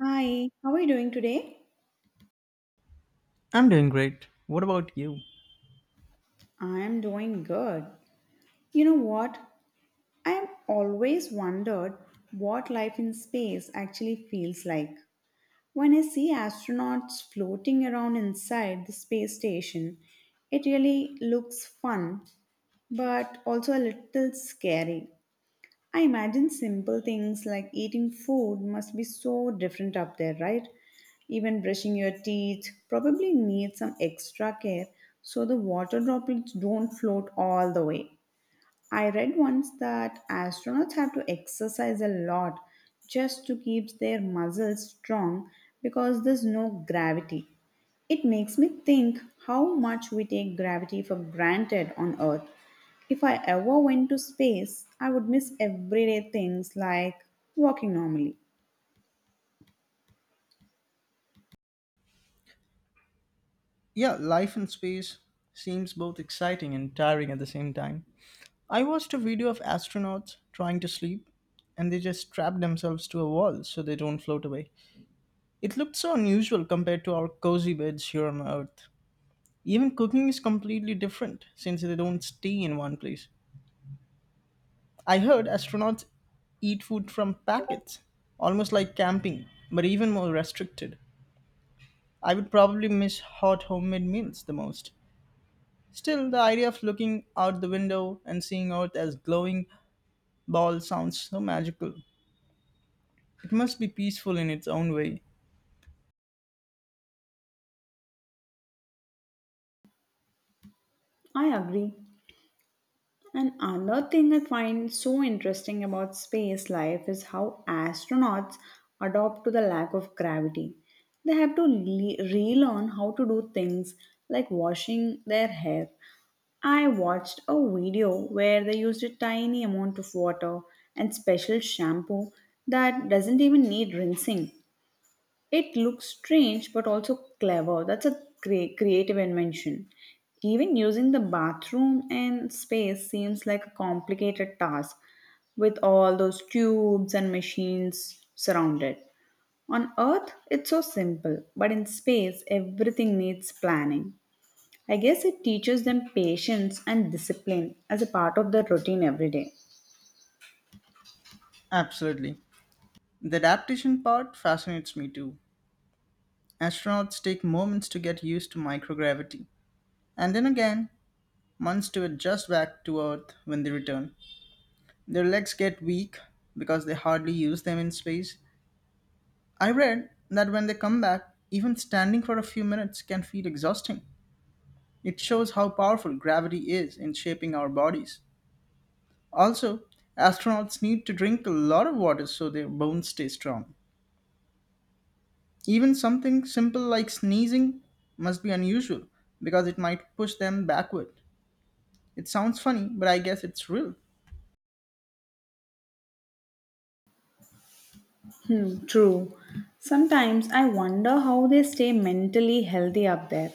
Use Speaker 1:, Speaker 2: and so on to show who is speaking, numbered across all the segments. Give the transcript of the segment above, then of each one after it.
Speaker 1: Hi, how are you doing today?
Speaker 2: I'm doing great. What about you?
Speaker 1: I am doing good. You know what? I have always wondered what life in space actually feels like. When I see astronauts floating around inside the space station, it really looks fun, but also a little scary. I imagine simple things like eating food must be so different up there, right? Even brushing your teeth probably needs some extra care so the water droplets don't float all the way. I read once that astronauts have to exercise a lot just to keep their muscles strong because there's no gravity. It makes me think how much we take gravity for granted on Earth. If I ever went to space, I would miss everyday things like walking normally.
Speaker 2: Yeah, life in space seems both exciting and tiring at the same time. I watched a video of astronauts trying to sleep and they just strap themselves to a wall so they don't float away. It looked so unusual compared to our cozy beds here on Earth. Even cooking is completely different since they don't stay in one place. I heard astronauts eat food from packets, almost like camping, but even more restricted. I would probably miss hot homemade meals the most. Still, the idea of looking out the window and seeing Earth as glowing ball sounds so magical. It must be peaceful in its own way.
Speaker 1: I agree. And another thing I find so interesting about space life is how astronauts adapt to the lack of gravity. They have to relearn how to do things like washing their hair. I watched a video where they used a tiny amount of water and special shampoo that doesn't even need rinsing. It looks strange but also clever. That's a great creative invention. Even using the bathroom and space seems like a complicated task with all those tubes and machines surrounded. On Earth, it's so simple, but in space, everything needs planning. I guess it teaches them patience and discipline as a part of their routine every day.
Speaker 2: Absolutely. The adaptation part fascinates me too. Astronauts take moments to get used to microgravity, and then again, months to adjust back to Earth when they return. Their legs get weak because they hardly use them in space. I read that when they come back, even standing for a few minutes can feel exhausting. It shows how powerful gravity is in shaping our bodies. Also, astronauts need to drink a lot of water so their bones stay strong. Even something simple like sneezing must be unusual because it might push them backward. It sounds funny, but I guess it's real.
Speaker 1: Hmm, true. Sometimes I wonder how they stay mentally healthy up there.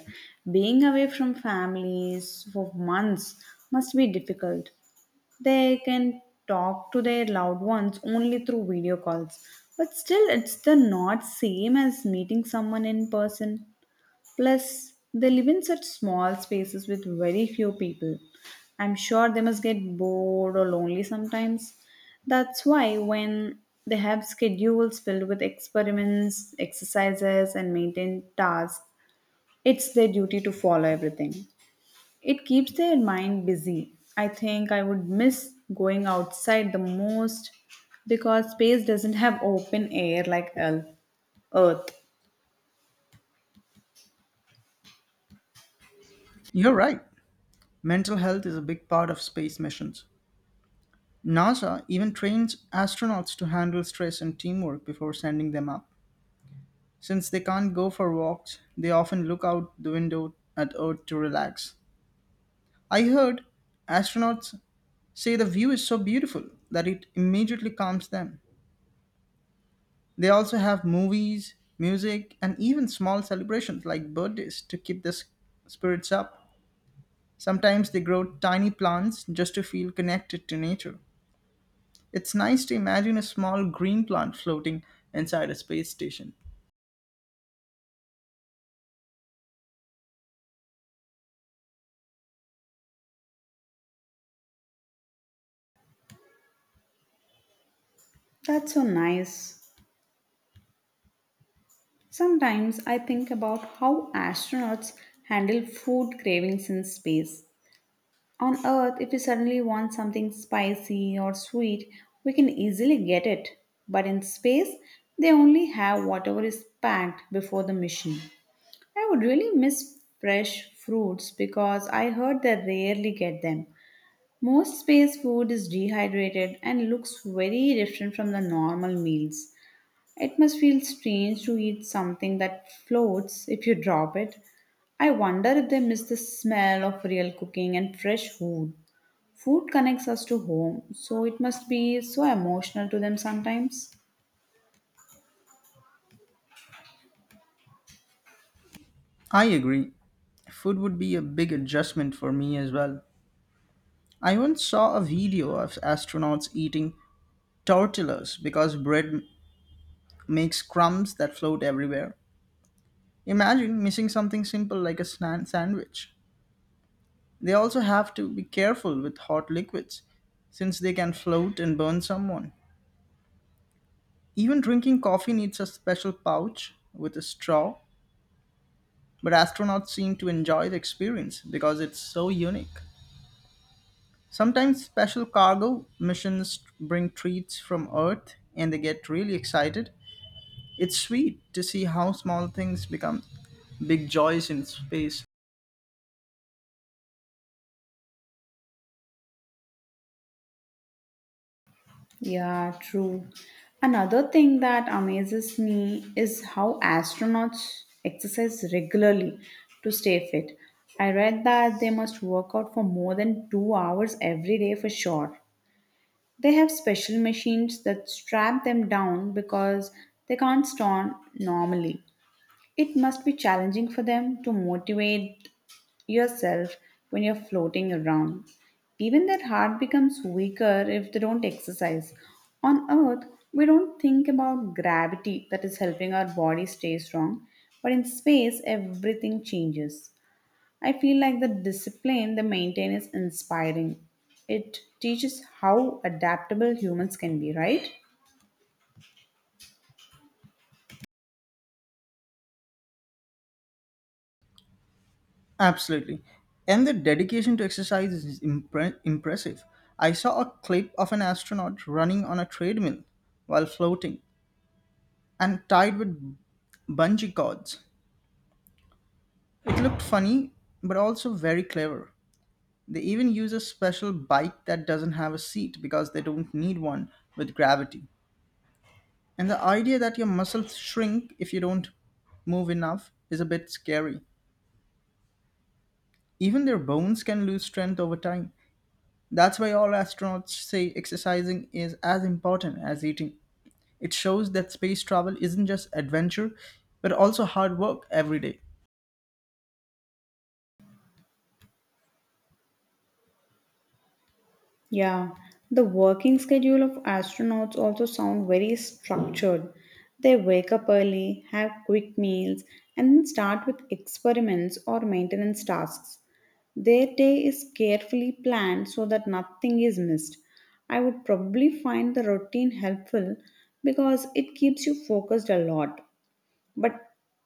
Speaker 1: Being away from families for months must be difficult. They can talk to their loved ones only through video calls, but still, it's the not same as meeting someone in person. Plus, they live in such small spaces with very few people. I'm sure they must get bored or lonely sometimes. That's why, when they have schedules filled with experiments, exercises, and maintained tasks, it's their duty to follow everything. It keeps their mind busy. I think I would miss going outside the most because space doesn't have open air like Earth. Earth.
Speaker 2: You're right. Mental health is a big part of space missions. NASA even trains astronauts to handle stress and teamwork before sending them up. Since they can't go for walks, they often look out the window at Earth to relax. I heard astronauts say the view is so beautiful that it immediately calms them. They also have movies, music, and even small celebrations like birthdays to keep the spirits up. Sometimes they grow tiny plants just to feel connected to nature. It's nice to imagine a small green plant floating inside a space station.
Speaker 1: That's so nice. Sometimes I think about how astronauts handle food cravings in space. On Earth, if we suddenly want something spicy or sweet, we can easily get it. But in space, they only have whatever is packed before the mission. I would really miss fresh fruits because I heard they rarely get them. Most space food is dehydrated and looks very different from the normal meals. It must feel strange to eat something that floats if you drop it. I wonder if they miss the smell of real cooking and fresh food. Food connects us to home, so it must be so emotional to them sometimes.
Speaker 2: I agree. Food would be a big adjustment for me as well. I once saw a video of astronauts eating tortillas because bread makes crumbs that float everywhere. Imagine missing something simple like a sandwich. They also have to be careful with hot liquids since they can float and burn someone. Even drinking coffee needs a special pouch with a straw, but astronauts seem to enjoy the experience because it's so unique. Sometimes special cargo missions bring treats from Earth and they get really excited. It's sweet to see how small things become big joys in space.
Speaker 1: Yeah, true. Another thing that amazes me is how astronauts exercise regularly to stay fit. I read that they must work out for more than 2 hours every day for sure. They have special machines that strap them down because they can't stand normally. It must be challenging for them to motivate yourself when you're floating around. Even their heart becomes weaker if they don't exercise. On Earth, we don't think about gravity that is helping our body stay strong, but in space, everything changes. I feel like the discipline they maintain is inspiring. It teaches how adaptable humans can be, right?
Speaker 2: Absolutely. And their dedication to exercise is impressive. I saw a clip of an astronaut running on a treadmill while floating and tied with bungee cords. It looked funny, but also very clever. They even use a special bike that doesn't have a seat because they don't need one with gravity. And the idea that your muscles shrink if you don't move enough is a bit scary. Even their bones can lose strength over time. That's why all astronauts say exercising is as important as eating. It shows that space travel isn't just adventure, but also hard work every day.
Speaker 1: Yeah, the working schedule of astronauts also sound very structured. They wake up early, have quick meals, and then start with experiments or maintenance tasks. Their day is carefully planned so that nothing is missed. I would probably find the routine helpful because it keeps you focused a lot. But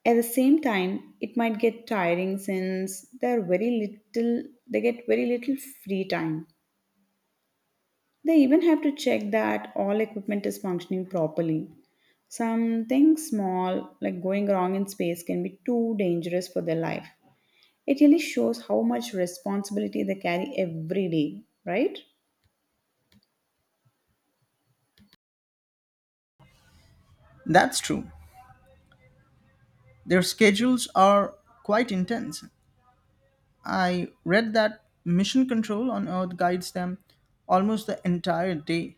Speaker 1: at the same time, it might get tiring since they get very little free time. They even have to check that all equipment is functioning properly. Something small like going wrong in space can be too dangerous for their life. It really shows how much responsibility they carry every day, right?
Speaker 2: That's true. Their schedules are quite intense. I read that mission control on Earth guides them almost the entire day.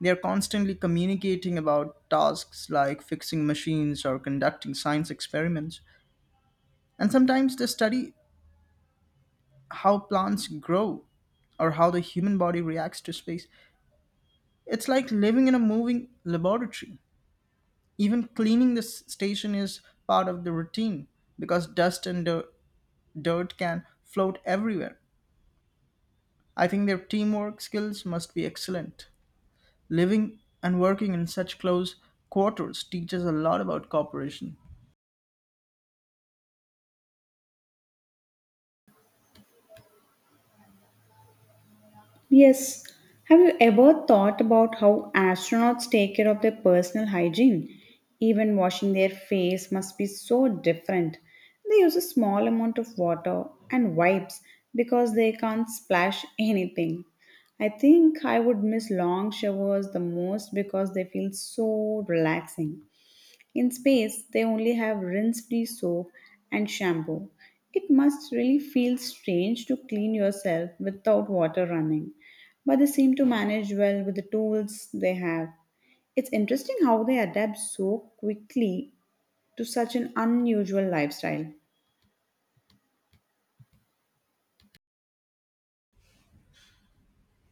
Speaker 2: They are constantly communicating about tasks like fixing machines or conducting science experiments. And sometimes they study how plants grow or how the human body reacts to space. It's like living in a moving laboratory. Even cleaning this station is part of the routine because dust and dirt can float everywhere. I think their teamwork skills must be excellent. Living and working in such close quarters teaches a lot about cooperation.
Speaker 1: Yes. Have you ever thought about how astronauts take care of their personal hygiene? Even washing their face must be so different. They use a small amount of water and wipes because they can't splash anything. I think I would miss long showers the most because they feel so relaxing. In space, they only have rinse free soap and shampoo. It must really feel strange to clean yourself without water running, but they seem to manage well with the tools they have. It's interesting how they adapt so quickly to such an unusual lifestyle.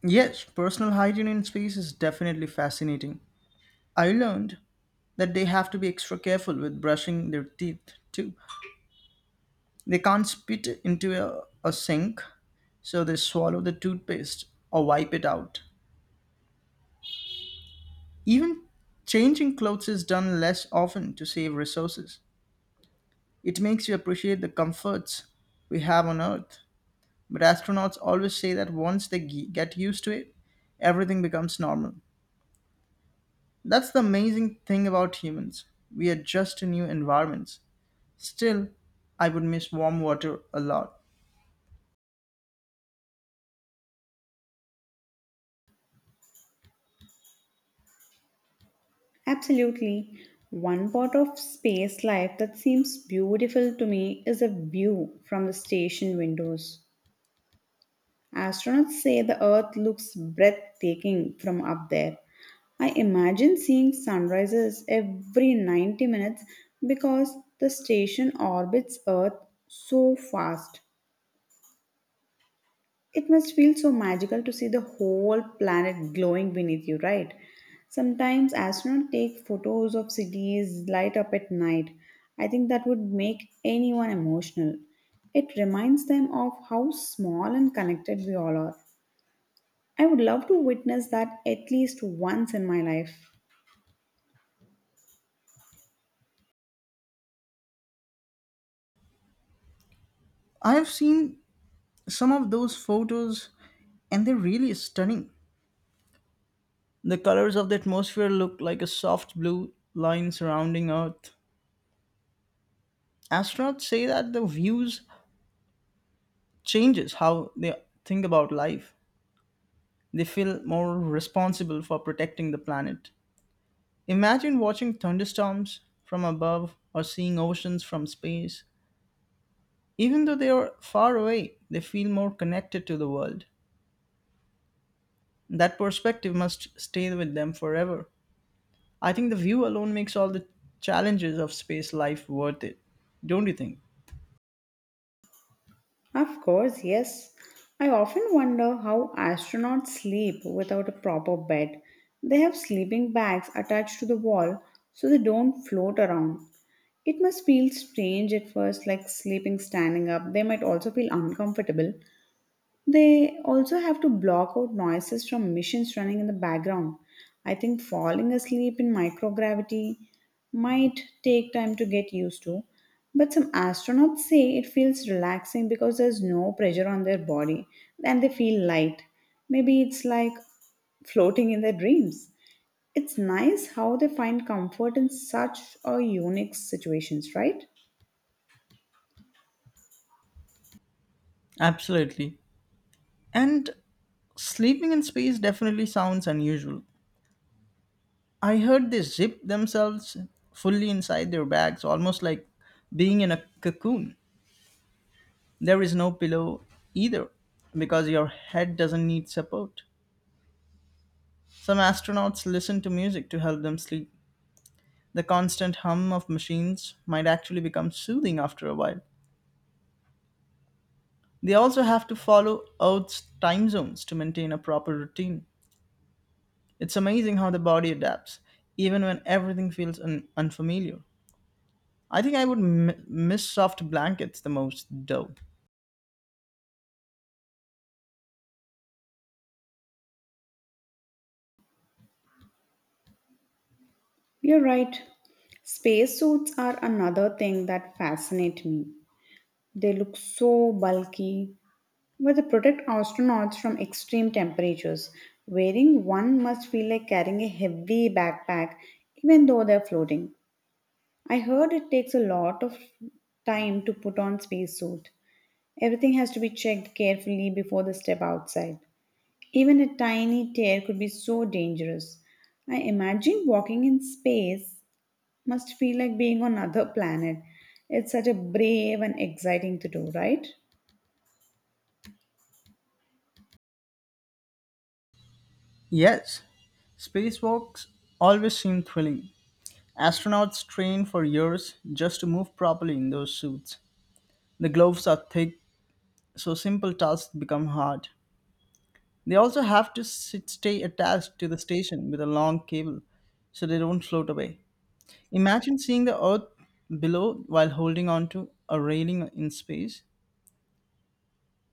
Speaker 2: Yes, personal hygiene in space is definitely fascinating. I learned that they have to be extra careful with brushing their teeth too. They can't spit into a sink, so they swallow the toothpaste or wipe it out. Even changing clothes is done less often to save resources. It makes you appreciate the comforts we have on Earth. But astronauts always say that once they get used to it, everything becomes normal. That's the amazing thing about humans. We adjust to new environments. Still, I would miss warm water a lot.
Speaker 1: Absolutely. One part of space life that seems beautiful to me is the view from the station windows. Astronauts say the Earth looks breathtaking from up there. I imagine seeing sunrises every 90 minutes because the station orbits Earth so fast. It must feel so magical to see the whole planet glowing beneath you, right? Sometimes astronauts take photos of cities light up at night. I think that would make anyone emotional. It reminds them of how small and connected we all are. I would love to witness that at least once in my life.
Speaker 2: I have seen some of those photos and they're really stunning. The colors of the atmosphere look like a soft blue line surrounding Earth. Astronauts say that the views changes how they think about life. They feel more responsible for protecting the planet. Imagine watching thunderstorms from above or seeing oceans from space. Even though they are far away, they feel more connected to the world. That perspective must stay with them forever. I think the view alone makes all the challenges of space life worth it, don't you think?
Speaker 1: Of course, yes. I often wonder how astronauts sleep without a proper bed. They have sleeping bags attached to the wall so they don't float around. It must feel strange at first, like sleeping standing up. They might also feel uncomfortable. They also have to block out noises from machines running in the background. I think falling asleep in microgravity might take time to get used to, but some astronauts say it feels relaxing because there's no pressure on their body and they feel light. Maybe it's like floating in their dreams. It's nice how they find comfort in such a unique situations, right?
Speaker 2: Absolutely. And sleeping in space definitely sounds unusual. I heard they zip themselves fully inside their bags, almost like being in a cocoon. There is no pillow either, because your head doesn't need support. Some astronauts listen to music to help them sleep. The constant hum of machines might actually become soothing after a while. They also have to follow Earth's time zones to maintain a proper routine. It's amazing how the body adapts, even when everything feels unfamiliar. I think I would miss soft blankets the most, though.
Speaker 1: You're right. Spacesuits are another thing that fascinate me. They look so bulky, but they protect astronauts from extreme temperatures. Wearing one must feel like carrying a heavy backpack, even though they're floating. I heard it takes a lot of time to put on spacesuit. Everything has to be checked carefully before the step outside. Even a tiny tear could be so dangerous. I imagine walking in space must feel like being on another planet. It's such a brave and exciting to do, right?
Speaker 2: Yes, spacewalks always seem thrilling. Astronauts train for years just to move properly in those suits. The gloves are thick, so simple tasks become hard. They also have to stay attached to the station with a long cable so they don't float away. Imagine seeing the earth below while holding onto a railing in space.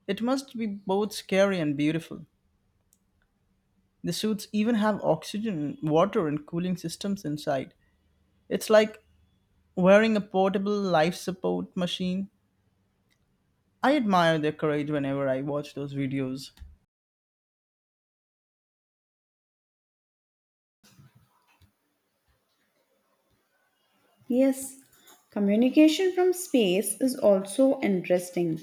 Speaker 2: It must be both scary and beautiful. The suits even have oxygen, water, and cooling systems inside. It's like wearing a portable life support machine. I admire their courage whenever I watch those videos.
Speaker 1: Yes, communication from space is also interesting.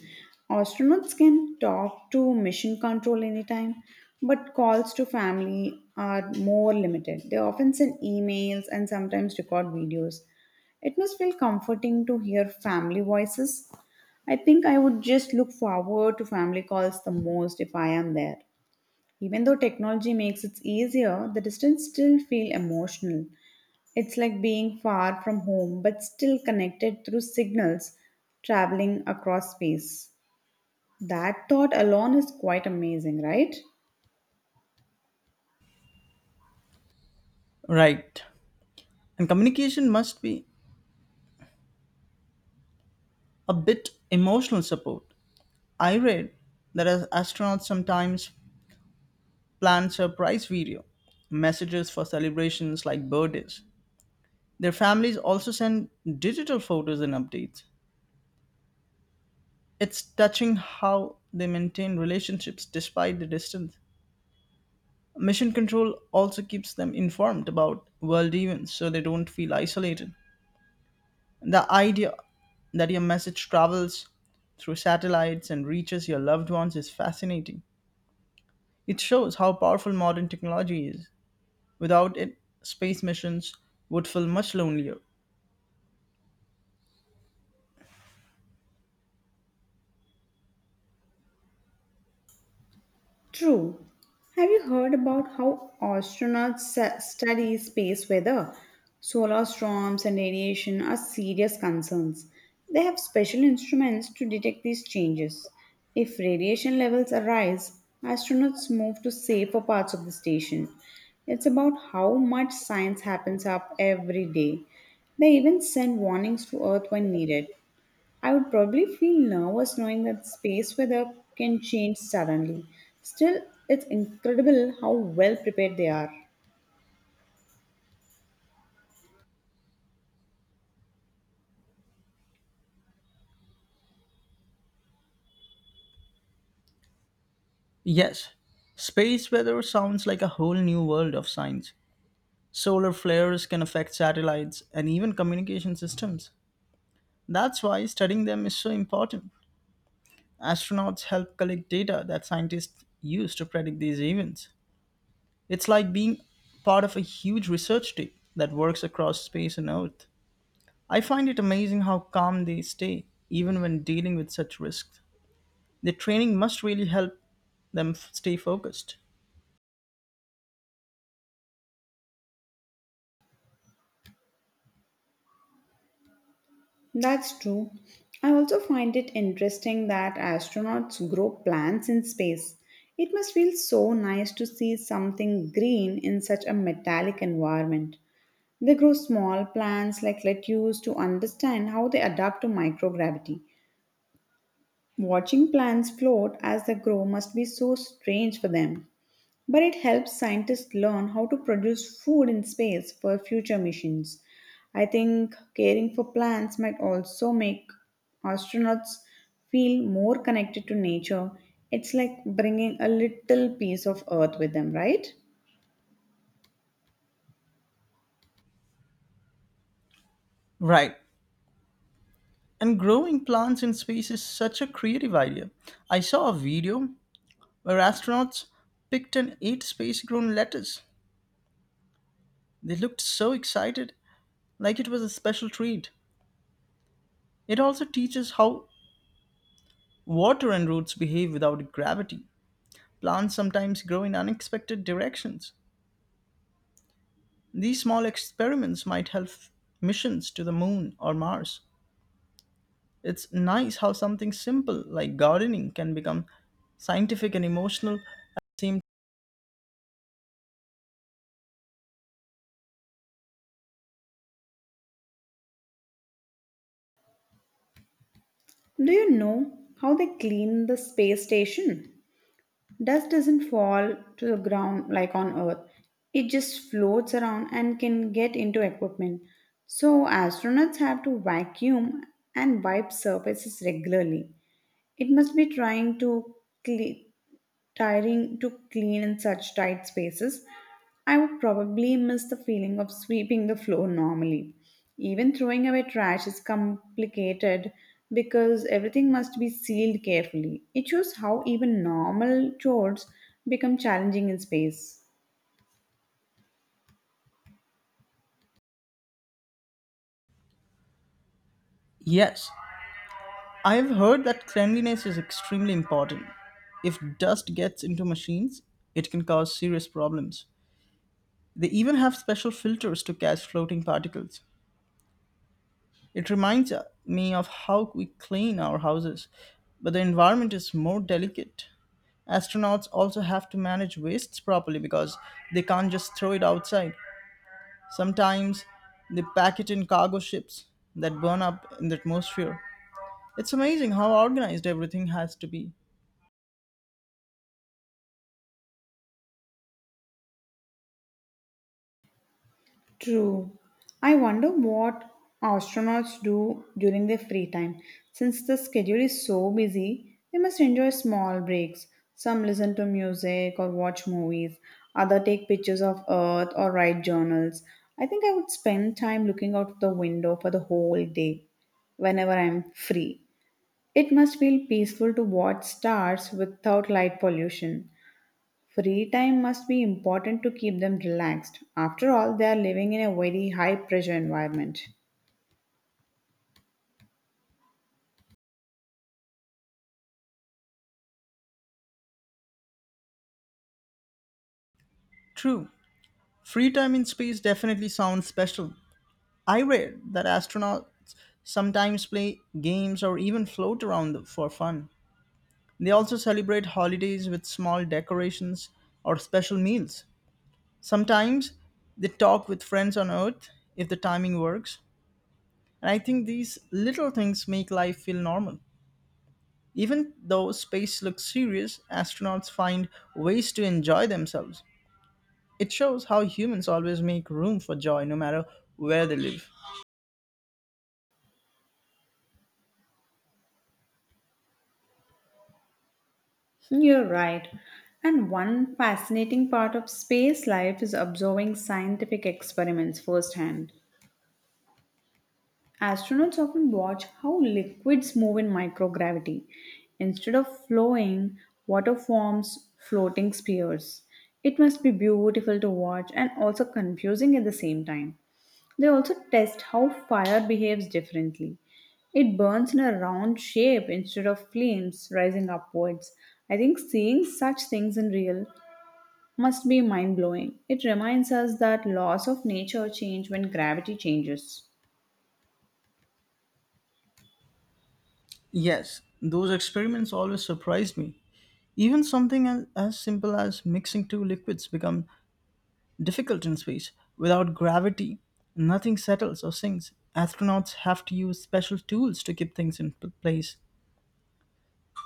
Speaker 1: Astronauts can talk to mission control anytime, but calls to family are more limited. They often send emails and sometimes record videos. It must feel comforting to hear family voices. I think I would just look forward to family calls the most if I am there. Even though technology makes it easier, the distance still feel emotional. It's like being far from home but still connected through signals traveling across space. That thought alone is quite amazing, right?
Speaker 2: Right. And communication must be a bit emotional support. I read that as astronauts sometimes plan surprise video messages for celebrations like birthdays. Their families also send digital photos and updates. It's touching how they maintain relationships despite the distance. Mission Control also keeps them informed about world events so they don't feel isolated. The idea that your message travels through satellites and reaches your loved ones is fascinating. It shows how powerful modern technology is. Without it, space missions would feel much lonelier.
Speaker 1: True. Have you heard about how astronauts study space weather? Solar storms and radiation are serious concerns. They have special instruments to detect these changes. If radiation levels arise, astronauts move to safer parts of the station. It's about how much science happens up every day. They even send warnings to Earth when needed. I would probably feel nervous knowing that space weather can change suddenly. Still, it's incredible how well prepared they are.
Speaker 2: Yes, space weather sounds like a whole new world of science. Solar flares can affect satellites and even communication systems. That's why studying them is so important. Astronauts help collect data that scientists use to predict these events. It's like being part of a huge research team that works across space and Earth. I find it amazing how calm they stay, even when dealing with such risks. Their training must really help them stay focused.
Speaker 1: That's true. I also find it interesting that astronauts grow plants in space. It must feel so nice to see something green in such a metallic environment. They grow small plants like lettuce to understand how they adapt to microgravity. Watching plants float as they grow must be so strange for them. But it helps scientists learn how to produce food in space for future missions. I think caring for plants might also make astronauts feel more connected to nature. It's like bringing a little piece of Earth with them, right?
Speaker 2: Right. And growing plants in space is such a creative idea. I saw a video where astronauts picked and ate space grown lettuce. They looked so excited, like it was a special treat. It also teaches how water and roots behave without gravity. Plants sometimes grow in unexpected directions. These small experiments might help missions to the moon or Mars. It's nice how something simple like gardening can become scientific and emotional at the same time.
Speaker 1: Do you know how they clean the space station? Dust doesn't fall to the ground like on Earth. It just floats around and can get into equipment. So, astronauts have to vacuum and wipe surfaces regularly. It must be cle- tiring to clean in such tight spaces. I would probably miss the feeling of sweeping the floor normally. Even throwing away trash is complicated because everything must be sealed carefully. It shows how even normal chores become challenging in space.
Speaker 2: Yes, I've heard that cleanliness is extremely important. If dust gets into machines, it can cause serious problems. They even have special filters to catch floating particles. It reminds me of how we clean our houses, but the environment is more delicate. Astronauts also have to manage wastes properly because they can't just throw it outside. Sometimes they pack it in cargo ships that burn up in the atmosphere. It's amazing how organized everything has to be.
Speaker 1: True. I wonder what astronauts do during their free time. Since the schedule is so busy, they must enjoy small breaks. Some listen to music or watch movies, other take pictures of Earth or write journals. I think I would spend time looking out the window for the whole day whenever I'm free. It must feel peaceful to watch stars without light pollution. Free time must be important to keep them relaxed. After all, they are living in a very high pressure environment.
Speaker 2: True. Free time in space definitely sounds special. I read that astronauts sometimes play games or even float around for fun. They also celebrate holidays with small decorations or special meals. Sometimes they talk with friends on Earth if the timing works. And I think these little things make life feel normal. Even though space looks serious, astronauts find ways to enjoy themselves. It shows how humans always make room for joy no matter where they live.
Speaker 1: Hmm, you're right. And one fascinating part of space life is observing scientific experiments firsthand. Astronauts often watch how liquids move in microgravity. Instead of flowing, water forms floating spheres. It must be beautiful to watch and also confusing at the same time. They also test how fire behaves differently. It burns in a round shape instead of flames rising upwards. I think seeing such things in real must be mind blowing. It reminds us that laws of nature change when gravity changes.
Speaker 2: Yes, those experiments always surprised me. Even something as simple as mixing two liquids become difficult in space. Without gravity, nothing settles or sinks. Astronauts have to use special tools to keep things in place.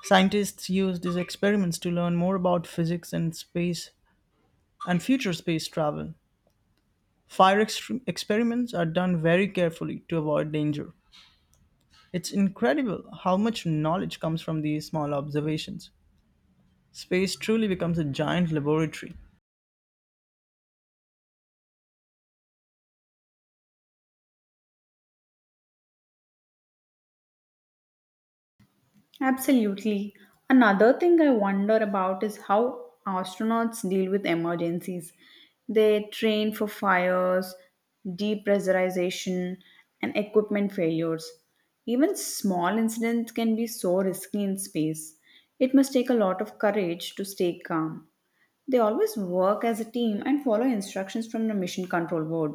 Speaker 2: Scientists use these experiments to learn more about physics and space and future space travel. Fire experiments are done very carefully to avoid danger. It's incredible how much knowledge comes from these small observations. Space truly becomes a giant laboratory.
Speaker 1: Absolutely. Another thing I wonder about is how astronauts deal with emergencies. They train for fires, depressurization, and equipment failures. Even small incidents can be so risky in space. It must take a lot of courage to stay calm. They always work as a team and follow instructions from the mission control board.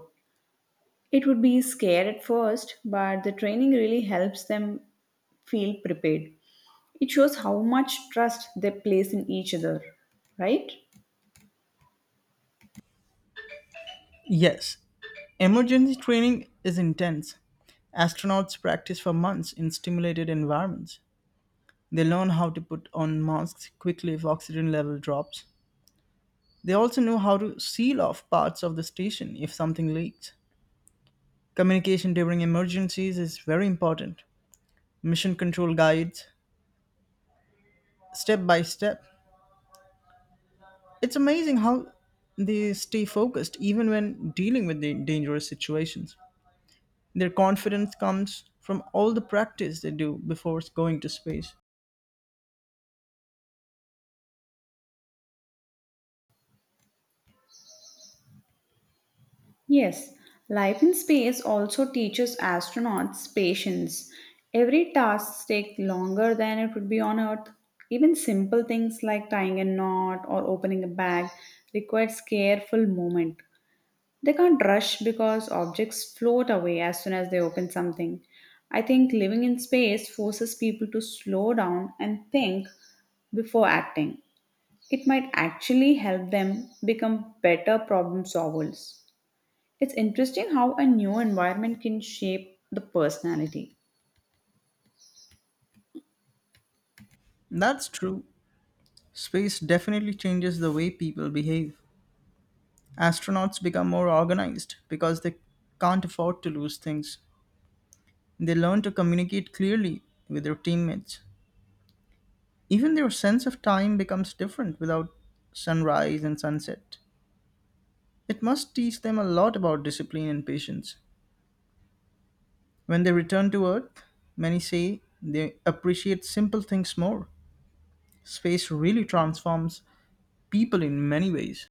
Speaker 1: It would be scary at first, but the training really helps them feel prepared. It shows how much trust they place in each other, right?
Speaker 2: Yes, emergency training is intense. Astronauts practice for months in stimulated environments. They learn how to put on masks quickly if oxygen level drops. They also know how to seal off parts of the station if something leaks. Communication during emergencies is very important. Mission control guides, step by step. It's amazing how they stay focused even when dealing with the dangerous situations. Their confidence comes from all the practice they do before going to space.
Speaker 1: Yes, life in space also teaches astronauts patience. Every task takes longer than it would be on Earth. Even simple things like tying a knot or opening a bag requires careful movement. They can't rush because objects float away as soon as they open something. I think living in space forces people to slow down and think before acting. It might actually help them become better problem solvers. It's interesting how a new environment can shape the personality.
Speaker 2: That's true. Space definitely changes the way people behave. Astronauts become more organized because they can't afford to lose things. They learn to communicate clearly with their teammates. Even their sense of time becomes different without sunrise and sunset. It must teach them a lot about discipline and patience. When they return to Earth, many say they appreciate simple things more. Space really transforms people in many ways.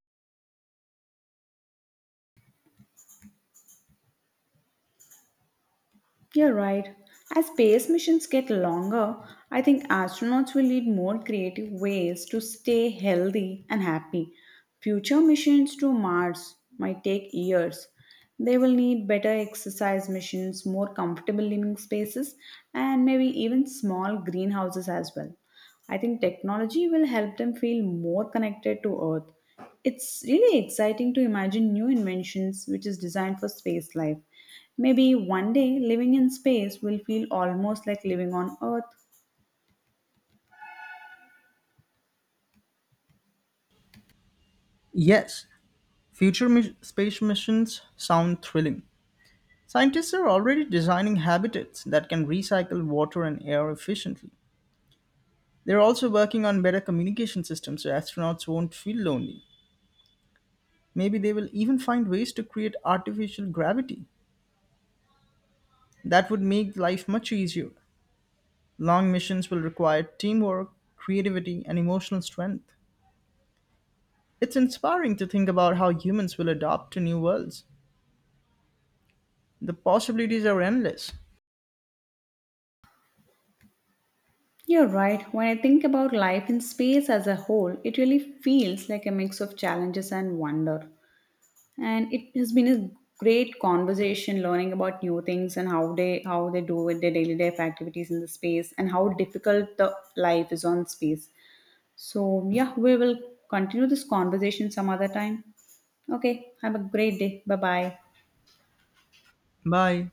Speaker 1: You're right. As space missions get longer, I think astronauts will need more creative ways to stay healthy and happy. Future missions to Mars might take years. They will need better exercise missions, more comfortable living spaces, and maybe even small greenhouses as well. I think technology will help them feel more connected to Earth. It's really exciting to imagine new inventions which is designed for space life. Maybe one day living in space will feel almost like living on Earth.
Speaker 2: Yes, future space missions sound thrilling. Scientists are already designing habitats that can recycle water and air efficiently. They're also working on better communication systems so astronauts won't feel lonely. Maybe they will even find ways to create artificial gravity. That would make life much easier. Long missions will require teamwork, creativity, and emotional strength. It's inspiring to think about how humans will adapt to new worlds. The possibilities are endless.
Speaker 1: You're right, when I think about life in space as a whole, it really feels like a mix of challenges and wonder. And it has been a great conversation learning about new things and how they do with their daily life activities in the space and how difficult the life is on space. So yeah, we will continue this conversation some other time. Okay, have a great day. Bye bye.
Speaker 2: Bye.